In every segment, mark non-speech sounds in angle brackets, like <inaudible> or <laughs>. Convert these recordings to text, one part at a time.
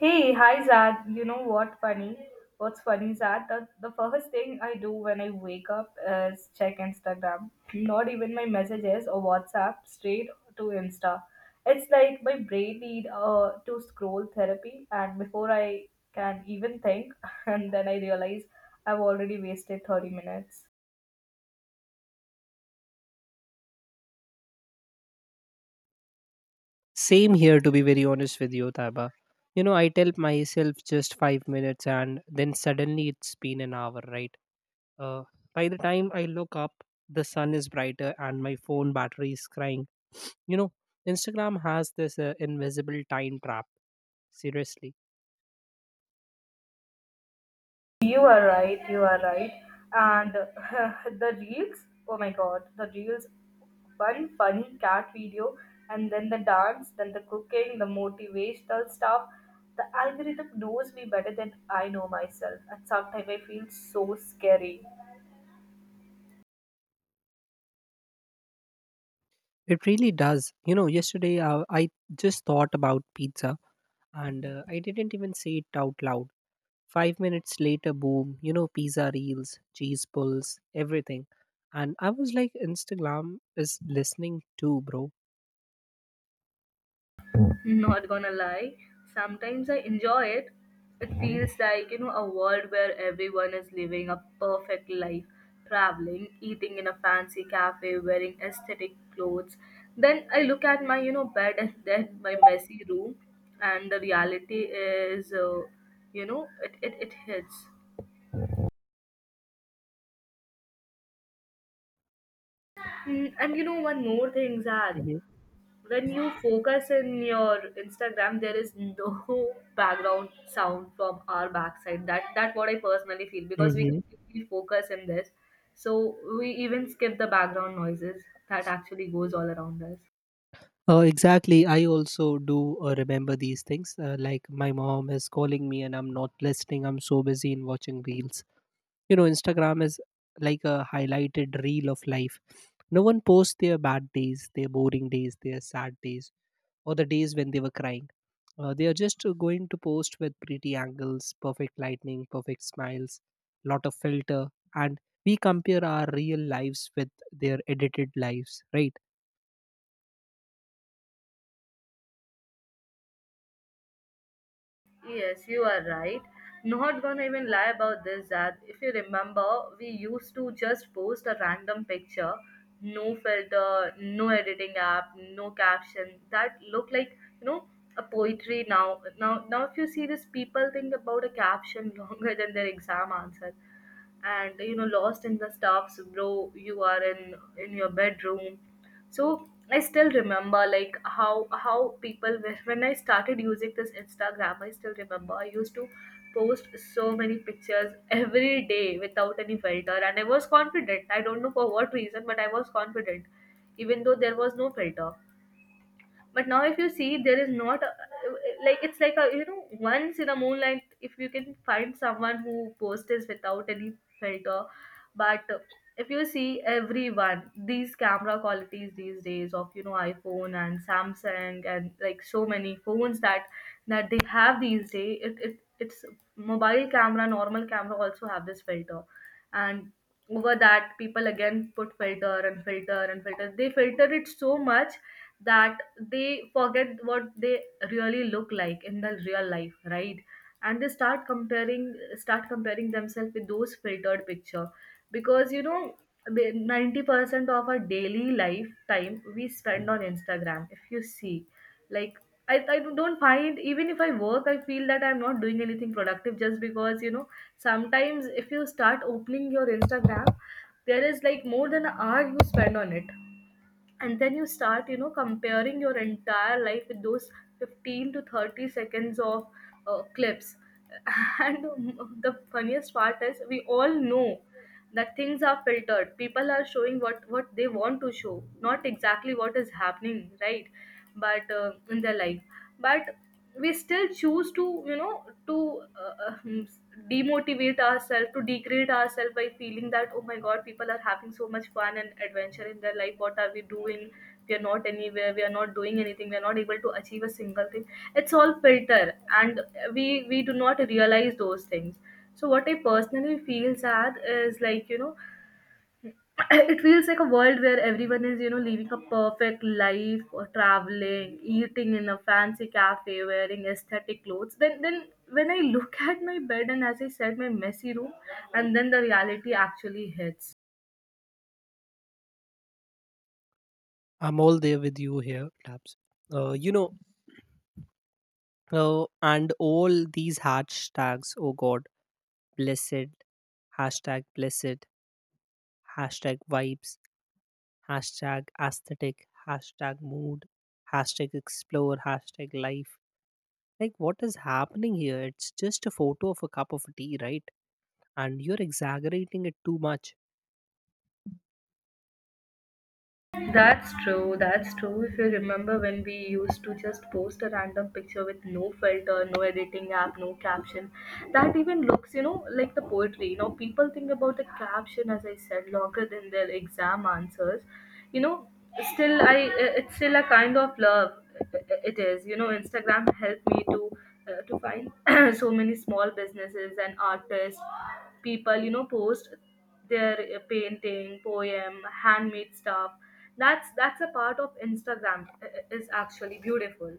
Hey, hi Zad. You know what funny? What's funny, Zad? The first thing I do when I wake up is check Instagram. Not even my messages or WhatsApp, straight to Insta. It's like my brain need to scroll therapy, and before I can even think, <laughs> and then I realize I've already wasted 30 minutes. Same here, to be very honest with you, Taba. You know, I tell myself just 5 minutes, and then suddenly it's been an hour, right? Uh, by the time I look up, the sun is brighter and my phone battery is crying. You know, Instagram has this invisible time trap. Seriously, You are right, you are right. And <laughs> the reels, oh my god, the reels, one funny cat video, and then the dance, then the cooking, the motivational stuff. The algorithm knows me better than I know myself, and sometimes I feel so scary. it really does. You know, yesterday I just thought about pizza and I didn't even say it out loud. 5 minutes later, boom, you know, pizza reels, cheese pulls, everything. And I was like, Instagram is listening too, bro. <laughs> Not gonna lie, sometimes I enjoy it. It feels like, you know, a world where everyone is living a perfect life, traveling, eating in a fancy cafe, wearing aesthetic clothes. Then I look at my, you know, bed and <laughs> then my messy room, and the reality is, you know, it hits. And you know, one more thing, Zad. When you focus in your instagram there is no <laughs> background sound from our backside, that what I personally feel, because we Mm-hmm. completely focus in this, so we even skip the background noises that actually goes all around us. Exactly. I also do remember these things. Like my mom is calling me and I'm not listening. I'm so busy in watching reels. You know, Instagram is like a highlighted reel of life. No one posts their bad days, their boring days, their sad days, or the days when they were crying. They are just going to post with pretty angles, perfect lighting, perfect smiles, lot of filter, and we compare our real lives with their edited lives, right? Yes, you are right. Not gonna even lie about this that if you remember, we used to just post a random picture, no filter, no editing app, no caption. That looked like, you know, a poetry now. Now if you see this, people think about a caption <laughs> longer than their exam answer, and you know lost in the stuffs, bro. You are in your bedroom, so I still remember like how when I started using this Instagram, I still remember I used to post so many pictures every day without any filter, and I was confident. I don't know for what reason, but I was confident even though there was no filter. But now if you see, there is not a, like it's like, a you know, once in a moonlight, if you can find someone who posts is without any filter. But if you see, everyone, these camera qualities these days of, you know, iPhone and Samsung and like so many phones that they have these days, it's mobile camera, normal camera also have this filter. And over that people again put filter and filter and filter. They filter it so much that they forget what they really look like in the real life, right? And they start comparing, start comparing themselves with those filtered picture, because, you know, the 90% of our daily life time we spend on Instagram, if you see. Like I don't find, even if I work, I feel that I'm not doing anything productive, just because, you know, sometimes if you start opening your Instagram, there is like more than an hour you spend on it. And then you start, you know, comparing your entire life with those 15 to 30 seconds of clips. <laughs> And the funniest part is, we all know that things are filtered. People are showing what they want to show, not exactly what is happening, right? But in their life, but we still choose to, you know, to demotivate ourselves, to degrade ourselves by feeling that, oh my god, people are having so much fun and adventure in their life. What are we doing? We are not anywhere, we are not doing anything, we are not able to achieve a single thing. It's all filter. And we do not realize those things. So what I personally feel sad is like, you know, <coughs> <clears throat> it feels like a world where everyone is, you know, living a perfect life, or traveling, eating in a fancy cafe, wearing aesthetic clothes. Then when I look <laughs> at my bed and, as I said, my messy room, and then the reality actually hits. I'm all there with you here, Tabs. Uh, you know, and all these hashtags, oh God, blessed, blessed, hashtag vibes, hashtag aesthetic, hashtag mood, hashtag explore, hashtag life. Like, what is happening here? It's just a photo of a cup of tea, right? And you're exaggerating it too much. That's true, that's true. If you remember when we used to just post a random picture with no filter, no editing app, no caption, that even looks, you know, like the poetry. You know, people think about the caption, as I said, longer than their exam answers. You know, still, I, it's still a kind of love. It is, you know, Instagram helped me to find <clears throat> so many small businesses and artists. People, you know, post their painting, poem, handmade stuff. That's a part of Instagram is actually beautiful.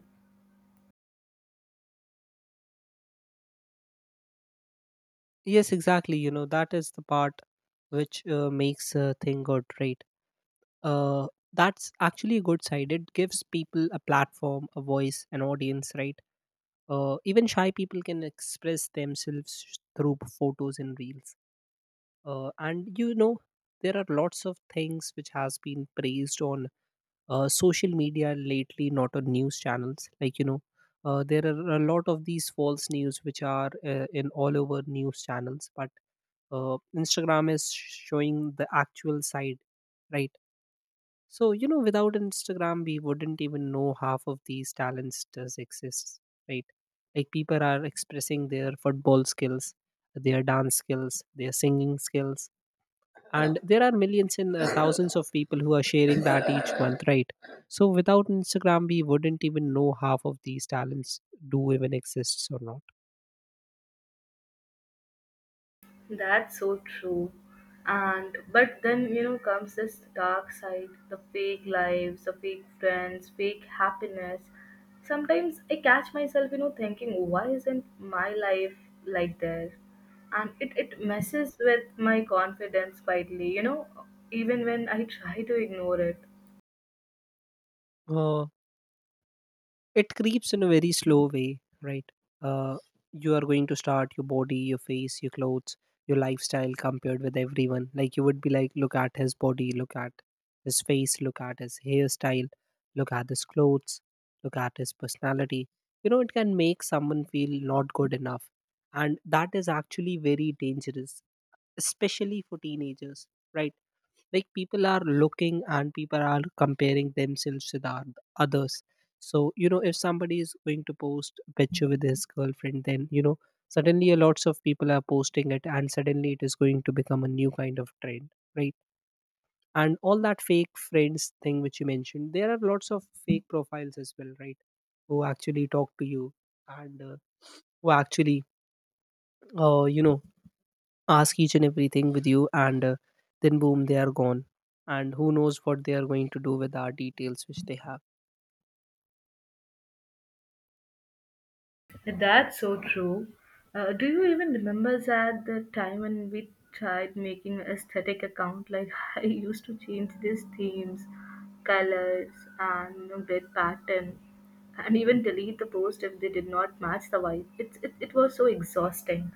Yes, exactly. You know, that is the part which makes a thing good, right? Uh, that's actually a good side. It gives people a platform, a voice, an audience, right? Even shy people can express themselves through photos and reels. And you know, there are lots of things which has been praised on social media lately, not on news channels. Like, you know, there are a lot of these false news which are in all over news channels, but Instagram is showing the actual side, right? So you know, without Instagram we wouldn't even know half of these talents does exist, right? Like people are expressing their football skills, their dance skills, their singing skills, yeah, and there are millions and thousands of people who are sharing that each month, right? So without Instagram we wouldn't even know half of these talents do even exists or not. That's so true. And but then, you know, comes this dark side: the fake lives, the fake friends, fake happiness. Sometimes I catch myself, you know, thinking why isn't my life like theirs. And it messes with my confidence quietly, you know, even when I <laughs> try to ignore it. Uh, it creeps in a very slow way, right? uh, you are going to start your body, your face, your clothes, your lifestyle compared with everyone. Like you would be like, look at his body, look at his face, look at his hairstyle, look at his clothes, look at his personality. You know, it can make someone feel not good enough, and that is actually very dangerous, especially for teenagers, right? Like people are looking and people are comparing themselves with others. So you know, if somebody is going to post a picture with his girlfriend, then you know, suddenly a lots of people are posting it and suddenly it is going to become a new kind of trend, right? And all that fake friends thing which you mentioned, there are lots of fake profiles as well, right? Who actually talk to you, and who actually uh, you know ask each and everything with you, and then boom, they are gone, and who knows what they are going to do with our details which they have. That's so true. Do you even remember that the time when we tried making aesthetic account? Like <laughs> I used to change these themes, colors, and, you know, grid pattern, and even delete the post if they did not match the vibe. It was so exhausting.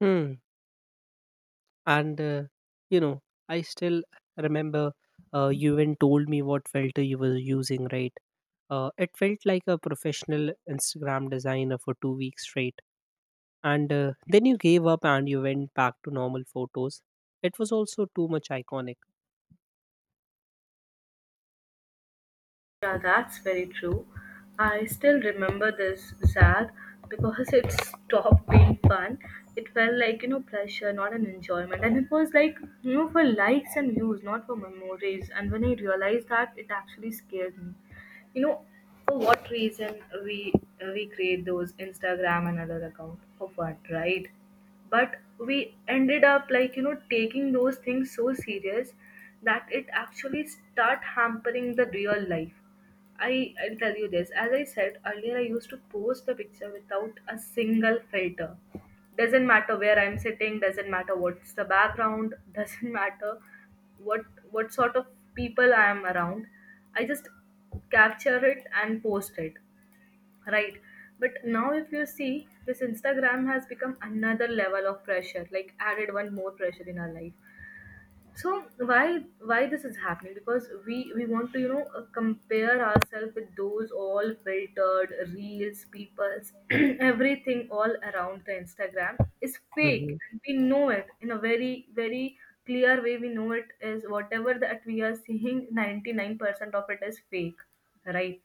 Hmm. And you know, I still remember, you even told me what filter you were using, right? It felt like a professional Instagram designer for 2 weeks straight, and then you gave up and you went back to normal photos. It was also too much iconic. Yeah, that's very true. I still remember this, Zag, because it stopped being fun. It felt like, you know, pleasure, not an enjoyment. And it was like, you know, for likes and views, not for memories. And when I realized that, it actually scared me. You know, for what reason we create those Instagram and other account? For what, right? But we ended up like, you know, taking those things so serious that it actually start hampering the real life. I'll tell you this. As I said earlier, I used to post the picture without a single filter. Doesn't matter where I'm sitting. Doesn't matter what's the background. <laughs> Doesn't matter what what sort of people I am around. I just capture it and post it, right? But now, if you see, this Instagram has become another level of pressure. Like added one more pressure in our life. So why this is happening, because we want to, you know, compare ourselves with those all filtered reels people's <clears throat> everything all around the Instagram is fake. We know it in a very very clear way. We know it is whatever that we are seeing, 99% of it is fake, right?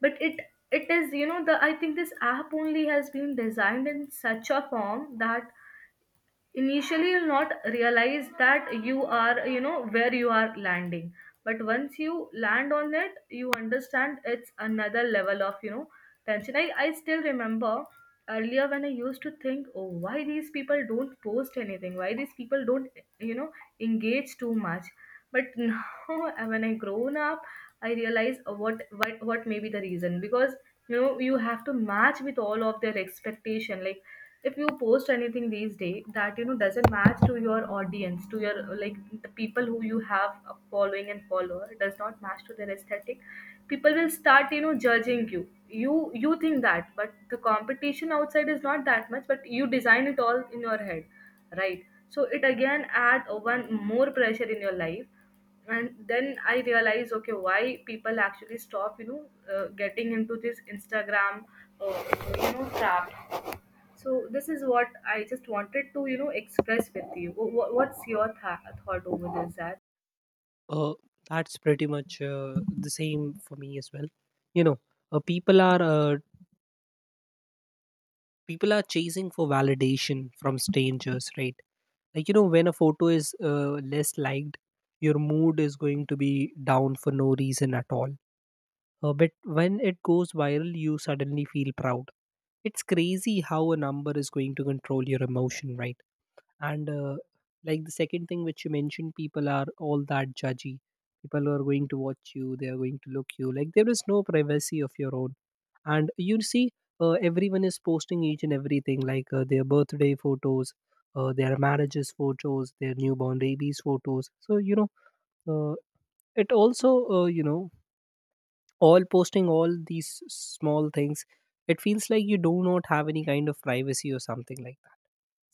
But it is, you know, the I think this app only has been designed in such a form that initially you'll not realize that you are, you know, where you are landing. But once you land on it, you understand it's another level of, you know, tension. I still remember earlier when I used to think, oh, why these people don't post anything, why these people don't, you know, engage too much. But <laughs> now when I grown up, I realize what may be the reason, because, you know, you have to match with all of their expectation. Like if you post anything these days that, you know, doesn't match to your audience, to your, like, the people who you have a following and follower, does not match to their aesthetic, people will start, you know, judging you. You think that, but the competition outside is not that much, but you design it all in your head, right? So it again add one more pressure in your life. And then I realize, okay, why people actually stop, you know, getting into this Instagram uh, you know, trap. So this is what I just wanted to, you know, express with you. What's your thought over this, that? Uh, that's pretty much the same for me as well. You know, uh, people are uh, people are chasing for validation from strangers, right? Like, you know, when a photo is less liked, your mood is going to be down for no reason at all. But when it goes viral, you suddenly feel proud. It's crazy how a number is going to control your emotion, right? And like the second thing which you mentioned, people are all that judgy, people are going to watch you, they are going to look you, like there is no privacy of your own. And you see, everyone is posting each and everything, like their birthday photos, their marriages photos, their newborn babies photos. So you know, uh, it also uh, you know all posting all these small things, it feels like you do not have any kind of privacy or something like that.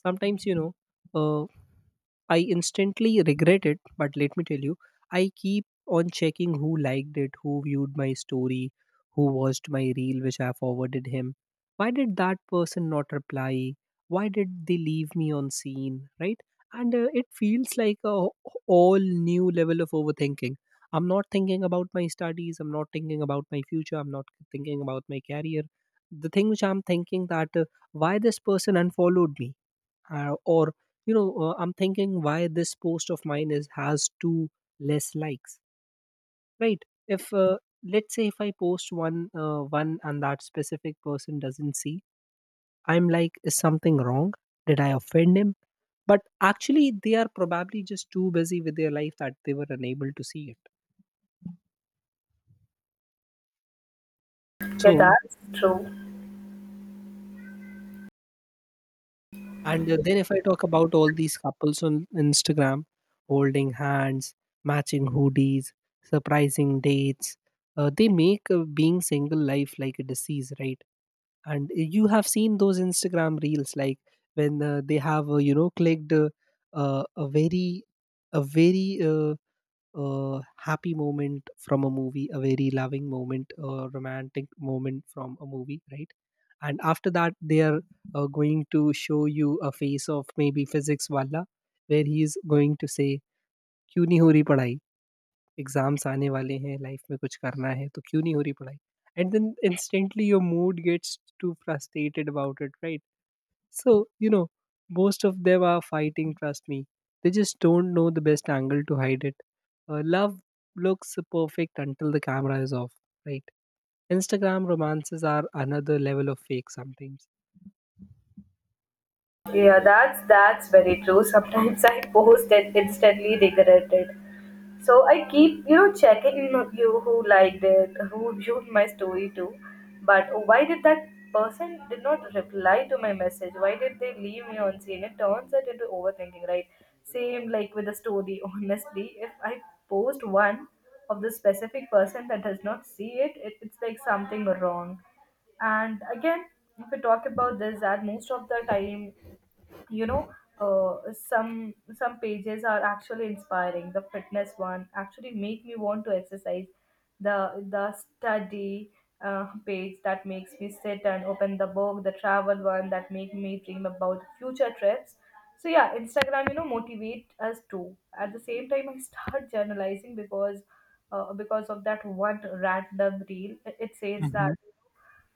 Sometimes you know, uh, I instantly regret it, but let me tell you, I keep on checking who liked it, who viewed my story, who watched my reel which I forwarded him. Why did that person not reply? Why did they leave me on scene? Right? And it feels like a all new level of overthinking. I'm not thinking about my studies. I'm not thinking about my future. I'm not thinking about my career. The thing which I'm thinking that why this person unfollowed me, or you know I'm thinking why this post of mine is has two less likes, right? if Let's say if I post one, and that specific person doesn't see, I'm like, is something wrong? Did I offend him? But actually they are probably just too busy with their life that they were unable to see it. Yeah, So, that's true. and then if I talk about all these couples on Instagram, holding hands, matching hoodies, surprising dates, they make being single life like a disease, right? And you have seen those Instagram reels, like when they have clicked uh, a very, a very uh, a happy moment from a movie, a very loving moment, a romantic moment from a movie, right? And after that, they are going to show you a face of maybe physics wala, where he is going to say, "क्यों नहीं हो रही पढ़ाई? Exams आने वाले हैं, life में कुछ करना है, तो क्यों नहीं हो रही पढ़ाई?" And then instantly your mood gets too frustrated about it, right? So, you know, most of them are fighting, trust me. They just don't know the best angle to hide it. Love looks perfect until the camera is off, right? Instagram romances are another level of fake sometimes. Yeah, that's very true. Sometimes I post and instantly regret it. So I keep, you know, checking in you who liked it, who viewed my story too. But why did that person did not reply to my message? Why did they leave me on scene? It turns it into overthinking, right? Same like with the story. <laughs> Honestly, if I post one of the specific person that does not see it, it's like something wrong. And again, if we talk about this, that most of the time, you know some pages are actually inspiring. The fitness one actually make me want to exercise, the study page that makes me sit and open the book, the travel one that make me dream about future trips. So yeah, instagram motivate us too. At the same time, I start <laughs> journalizing because because of that one random reel. It says that Mhm.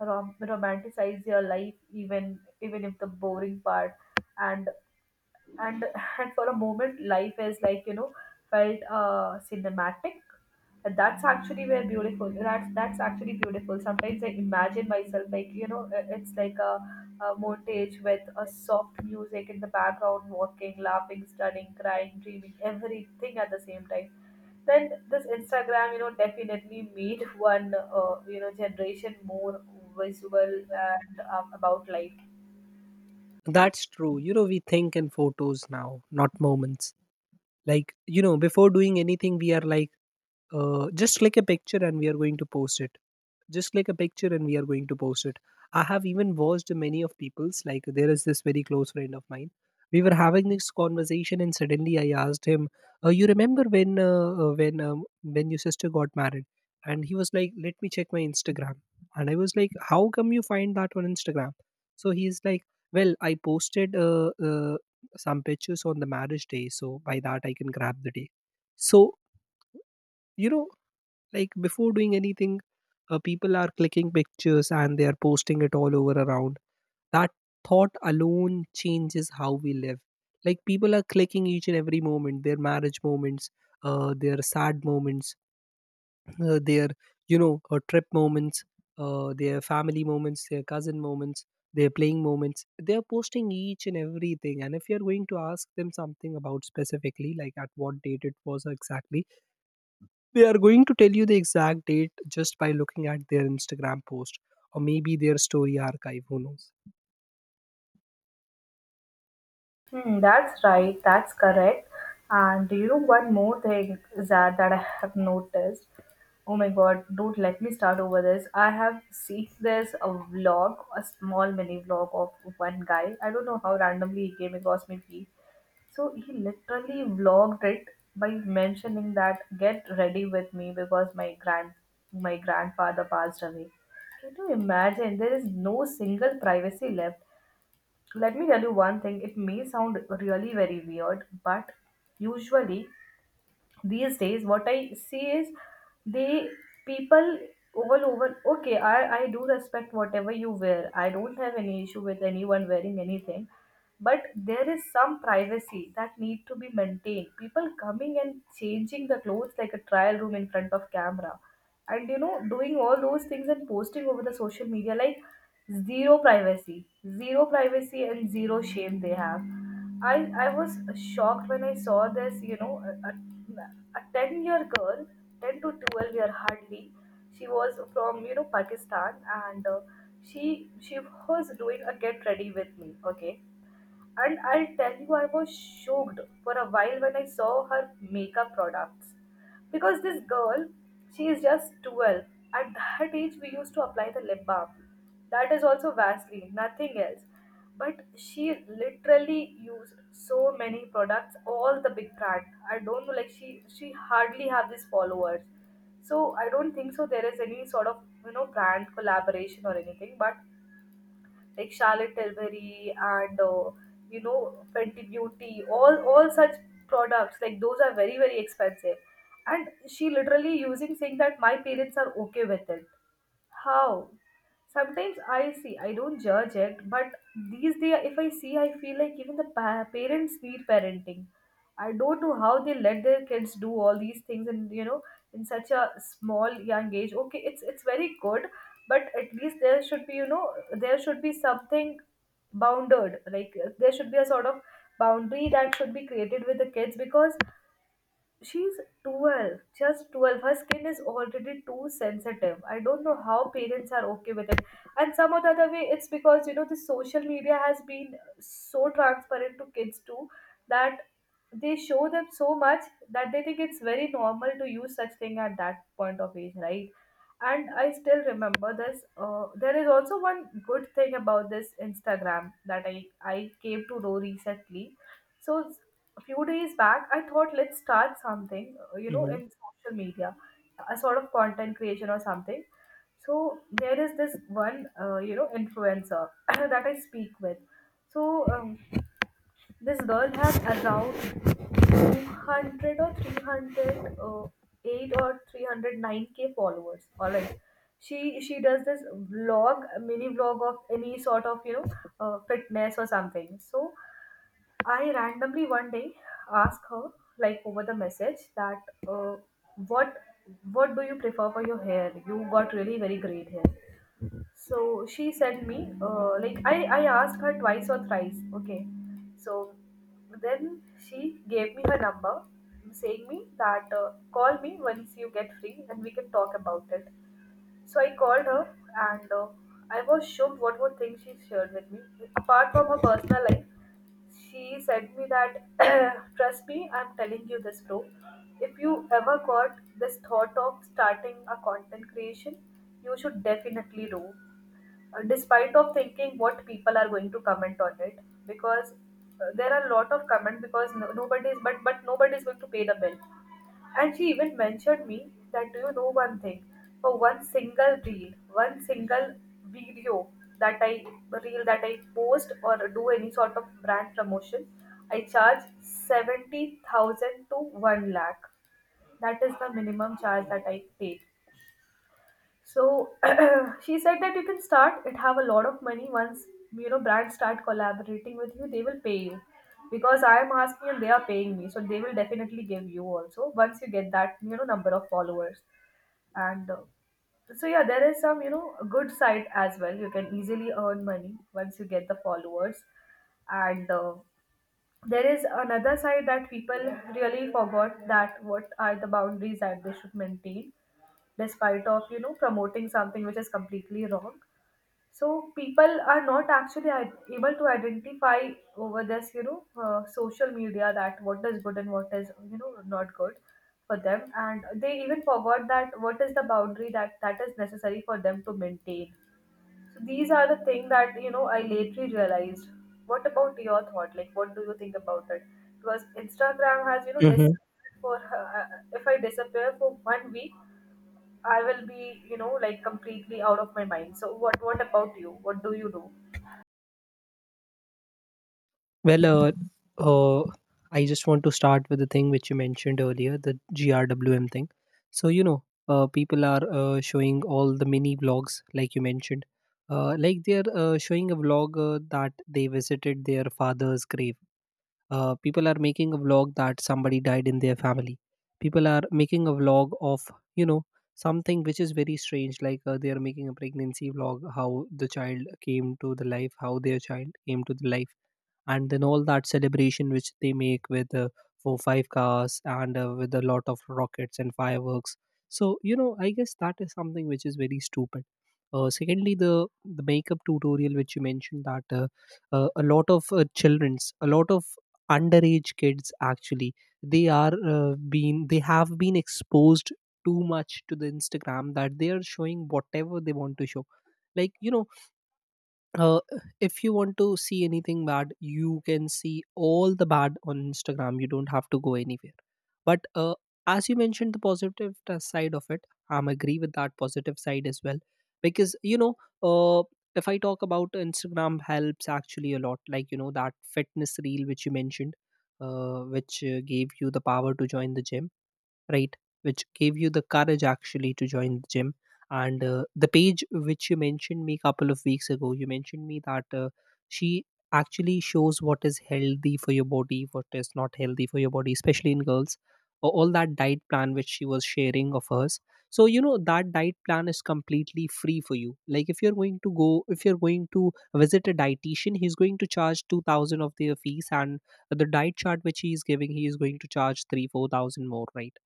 romanticize your life, even if the boring part. And and and for a moment, life is like, felt cinematic. And that's actually very beautiful. That's actually beautiful. Sometimes I imagine myself, like it's like a montage with a soft music in the background, walking, laughing, studying, crying, dreaming, everything at the same time. Then this instagram definitely made one generation more visual, and about life. That's true. You know, we think in photos now, not moments. Like, you know, before doing anything, we are like, just click a picture and we are going to post it. Just like a picture and we are going to post it. I have even watched many of people's, like, there is this very close friend of mine. We were having this conversation and suddenly I asked him, you remember when your sister got married, and he was like, let me check my Instagram. And I was like, how come you find that on Instagram? So he's like, well, I posted some pictures on the marriage day, so by that I can grab the day. So, you know, like before doing anything, people are clicking pictures and they are posting it all over around. That thought alone changes how we live. Like people are clicking each and every moment, their marriage moments, their sad moments, their you know trip moments, their family moments, their cousin moments, their playing moments. They are posting each and everything. And if you are going to ask them something about specifically, like at what date it was exactly, they are going to tell you the exact date just by looking at their Instagram post, or maybe their story archive. Who knows? Hmm, that's right, that's correct. And do you know one more thing that I have noticed? Oh my god, don't let me start over this. I have seen this a vlog, a small mini vlog of one guy. I don't know how randomly he came across my feed. So he literally vlogged it by mentioning that, get ready with me because my grandfather passed away. Can you imagine? There is no single privacy left. Let me tell you one thing, it may sound really very weird, but usually, these days what I see is, they people over over okay, I do respect whatever you wear. I don't have any issue with anyone wearing anything. But there is some privacy that need to be maintained. People coming and changing the clothes like a trial room in front of camera, and doing all those things and posting over the social media, like zero privacy, zero privacy and zero shame they have. I i was shocked when I saw this, a 10-year girl, 10 to 12 year hardly. She was from, pakistan, and she she was doing a get ready with me, okay. And I'll tell you, I was shocked for a while when I saw her makeup products. Because this girl, she is just 12. At that age, we used to apply the lip balm. That is also Vaseline, nothing else. But she literally used so many products, all the big brand. I don't know, like she hardly have these followers. So I don't think so there is any sort of brand collaboration or anything. But like Charlotte Tilbury and Fenty Beauty, all such products, like those are very very expensive. And she literally using, saying that my parents are okay with it. How? Sometimes I see, I don't judge it, but these days, if I see, I feel like even the parents need parenting. I don't know how they let their kids do all these things, and, in such a small young age. Okay, it's, very good, but at least there should be, there should be something bounded. Like, there should be a sort of boundary that should be created with the kids, because she's 12, just 12. Her skin is already too sensitive. I don't know how parents are okay with it. And some or the other way, it's because, the social media has been so transparent to kids too, that they show them so much that they think it's very normal to use such thing at that point of age, right? And I still remember this. There is also one good thing about this instagram, that I came to know recently. So a few days back, I thought let's start something, Mm-hmm. in social media, a sort of content creation or something. So there is this one, influencer <coughs> <clears throat> that I speak with. So this girl has around 200 or 300, 8 or 309K followers. All right. She does this vlog, mini vlog of any sort of, fitness or something. So I randomly one day asked her, like over the message, that, uh, what what do you prefer for your hair? You got really very great hair. So she sent me, like I asked her twice or thrice. Okay, so then she gave me her number, saying me that, call me once you get free and we can talk about it. So I called her, and I was shocked what were things she shared with me. Apart from her personal life, she said me that, <clears throat> trust me, I'm telling you this bro, if you ever got this thought of starting a content creation, you should definitely do. Despite of thinking what people are going to comment on it, because there are a lot of comment. Because no, nobody is, but nobody is going to pay the bill. And she even mentioned me that, do you know one thing, for one single reel, one single video that I reel that I post, or do any sort of brand promotion, I charge 70,000 to 1 lakh. That is the minimum charge that I take. So <clears throat> she said that you can start it, have a lot of money. Once brands start collaborating with you, they will pay you. Because I am asking and they are paying me, so they will definitely give you also once you get that, number of followers. And so yeah, there is some, a good side as well. You can easily earn money once you get the followers. And there is another side, that people really forgot, that what are the boundaries that they should maintain, despite of promoting something which is completely wrong. So people are not actually able to identify over this, social media, that what is good and what is, not good for them. And they even forgot that what is the boundary that is necessary for them to maintain. So these are the thing that, I lately realized. What about your thought, like what do you think about it? Because instagram has you know dis Hmm. for if I disappear for one week, I will be, like completely out of my mind. So what about you? What do you do? Well, uh, I just want to start with the thing which you mentioned earlier, the GRWM thing. So, you know, people are showing all the mini vlogs, like you mentioned. Like they're showing a vlog that they visited their father's grave. People are making a vlog that somebody died in their family. People are making a vlog of you know something which is very strange, like they are making a pregnancy vlog, how their child came to the life, and then all that celebration which they make with four five cars and with a lot of rockets and fireworks. So, I guess that is something which is very stupid. Secondly, the makeup tutorial which you mentioned, that a lot of underage kids actually — they have been exposed too much to the Instagram, that they are showing whatever they want to show. Like, uh, if you want to see anything bad, you can see all the bad on Instagram. You don't have to go anywhere, but as you mentioned the positive side of it, I'm agree with that positive side as well. Because uh, if I talk about Instagram, helps actually a lot. Like, that fitness reel which you mentioned, which gave you the power to join the gym, right? Which gave you the courage actually to join the gym. And the page which you mentioned me a couple of weeks ago, you mentioned me that she actually shows what is healthy for your body, what is not healthy for your body, especially in girls. All that diet plan which she was sharing of hers. So, that diet plan is completely free for you. Like, if you're going to go, if you're going to visit a dietitian, he's going to charge 2000 of their fees, and the diet chart which he is giving, he is going to charge 3 4000 more, right?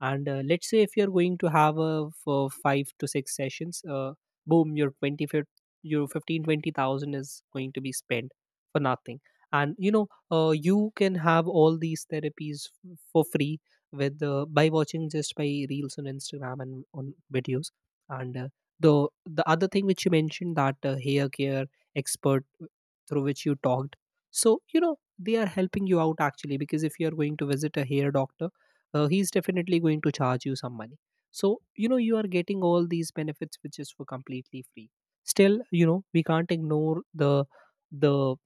And let's say if you're going to have a for five to six sessions, boom, your 15 20000 is going to be spent for nothing. And you can have all these therapies for free, with by watching, just by reels on Instagram and on videos. And the the other thing which you mentioned, that hair care expert through which you talked, so they are helping you out actually, because if you are going to visit a hair doctor, he's definitely going to charge you some money. So you are getting all these benefits which is for completely free. Still, we can't ignore the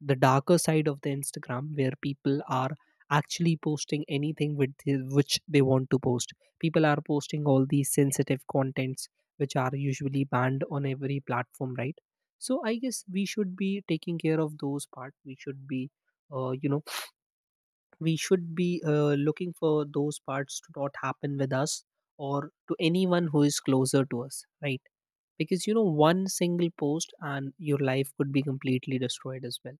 the darker side of the Instagram, where people are actually posting anything which they want to post. People are posting all these sensitive contents which are usually banned on every platform, right? So I guess we should be taking care of those part. We should be looking for those parts to not happen with us or to anyone who is closer to us, right? Because one single post and your life could be completely destroyed as well.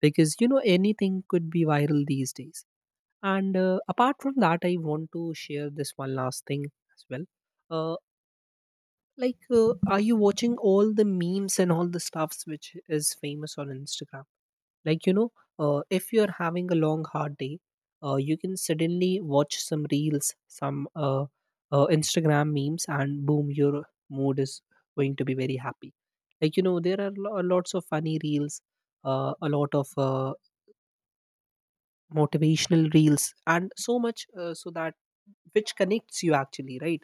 Because anything could be viral these days. And apart from that, I want to share this one last thing as well. uh, like, are you watching all the memes and all the stuffs which is famous on Instagram? Like, if you're having a long hard day, you can suddenly watch some reels, some Instagram memes, and boom, your mood is going to be very happy. Like, there are lots of funny reels, a lot of motivational reels and so much, so that, which connects you actually, right?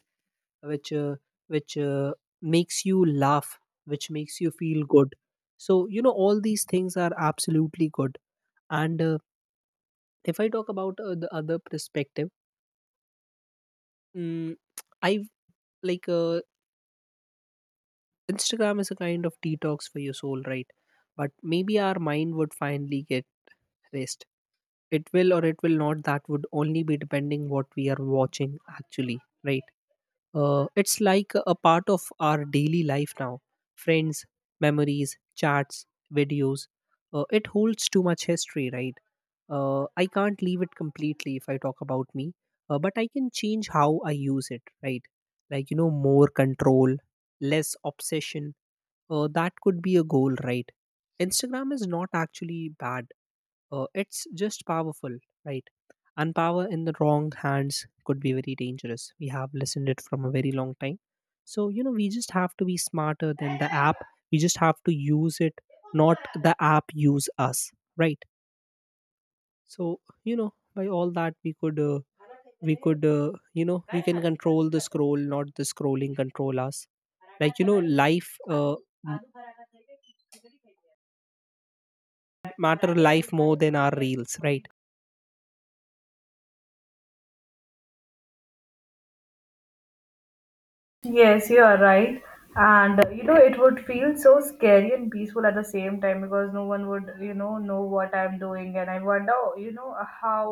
Which which uh, makes you laugh, which makes you feel good. So all these things are absolutely good. And if I talk about the other perspective, mm, I have like Instagram is a kind of detox for your soul, right? But maybe our mind would finally get rest. It will, or it will not. That would only be depending what we are watching actually, right? It's like a part of our daily life now. Friends, memories, chats, videos. It holds too much history, right? I can't leave it completely if I talk about me, but I can change how I use it, right? Like, more control, less obsession. That could be a goal, right? Instagram is not actually bad, it's just powerful, right? And power in the wrong hands could be very dangerous. We have listened it from a very long time. So we just have to be smarter than the app. We just have to use it, not the app use us, right? So by all that we could you know we can control the scroll, not the scrolling control us. Like, m- matter life more than our reels, right? Yes, you are right. And, it would feel so scary and peaceful at the same time, because no one would, know what I'm doing, and I wonder, how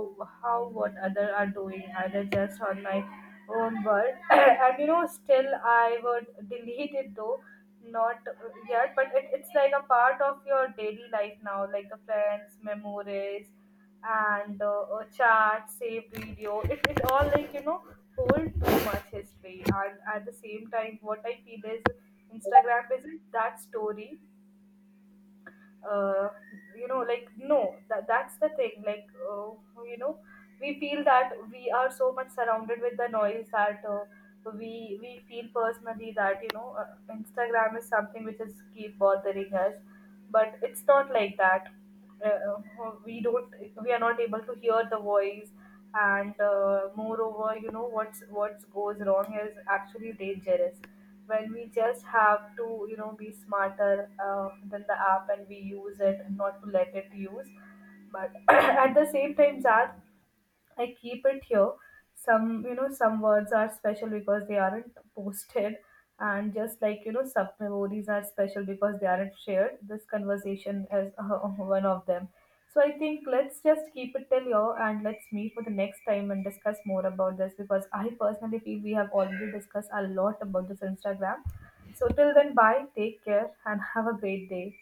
how what other are doing, either just on my own world. <clears throat> And, still I would delete it though, not yet, but it's like a part of your daily life now, like the plans, memories and chat, save video. It all like, hold too much history. And at the same time, what I feel is Instagram isn't that story. uh, like, no, that's the thing. Like, you know we feel that we are so much surrounded with the noise, that we feel personally that, instagram is something which is keep bothering us, but it's not like that. uh, uh, we don't we are not able to hear the voice. And moreover, what goes wrong is actually dangerous. When we just have to, be smarter than the app, and we use it, not to let it use. But <clears throat> at the same time, Zad, I keep it here. Some words are special because they aren't posted, and just like, sub memories are special because they aren't shared. This conversation is <laughs> one of them. So I think let's just keep it till here, and let's meet for the next time and discuss more about this, because I personally feel we have already discussed a lot about this Instagram. So till then, bye, take care, and have a great day.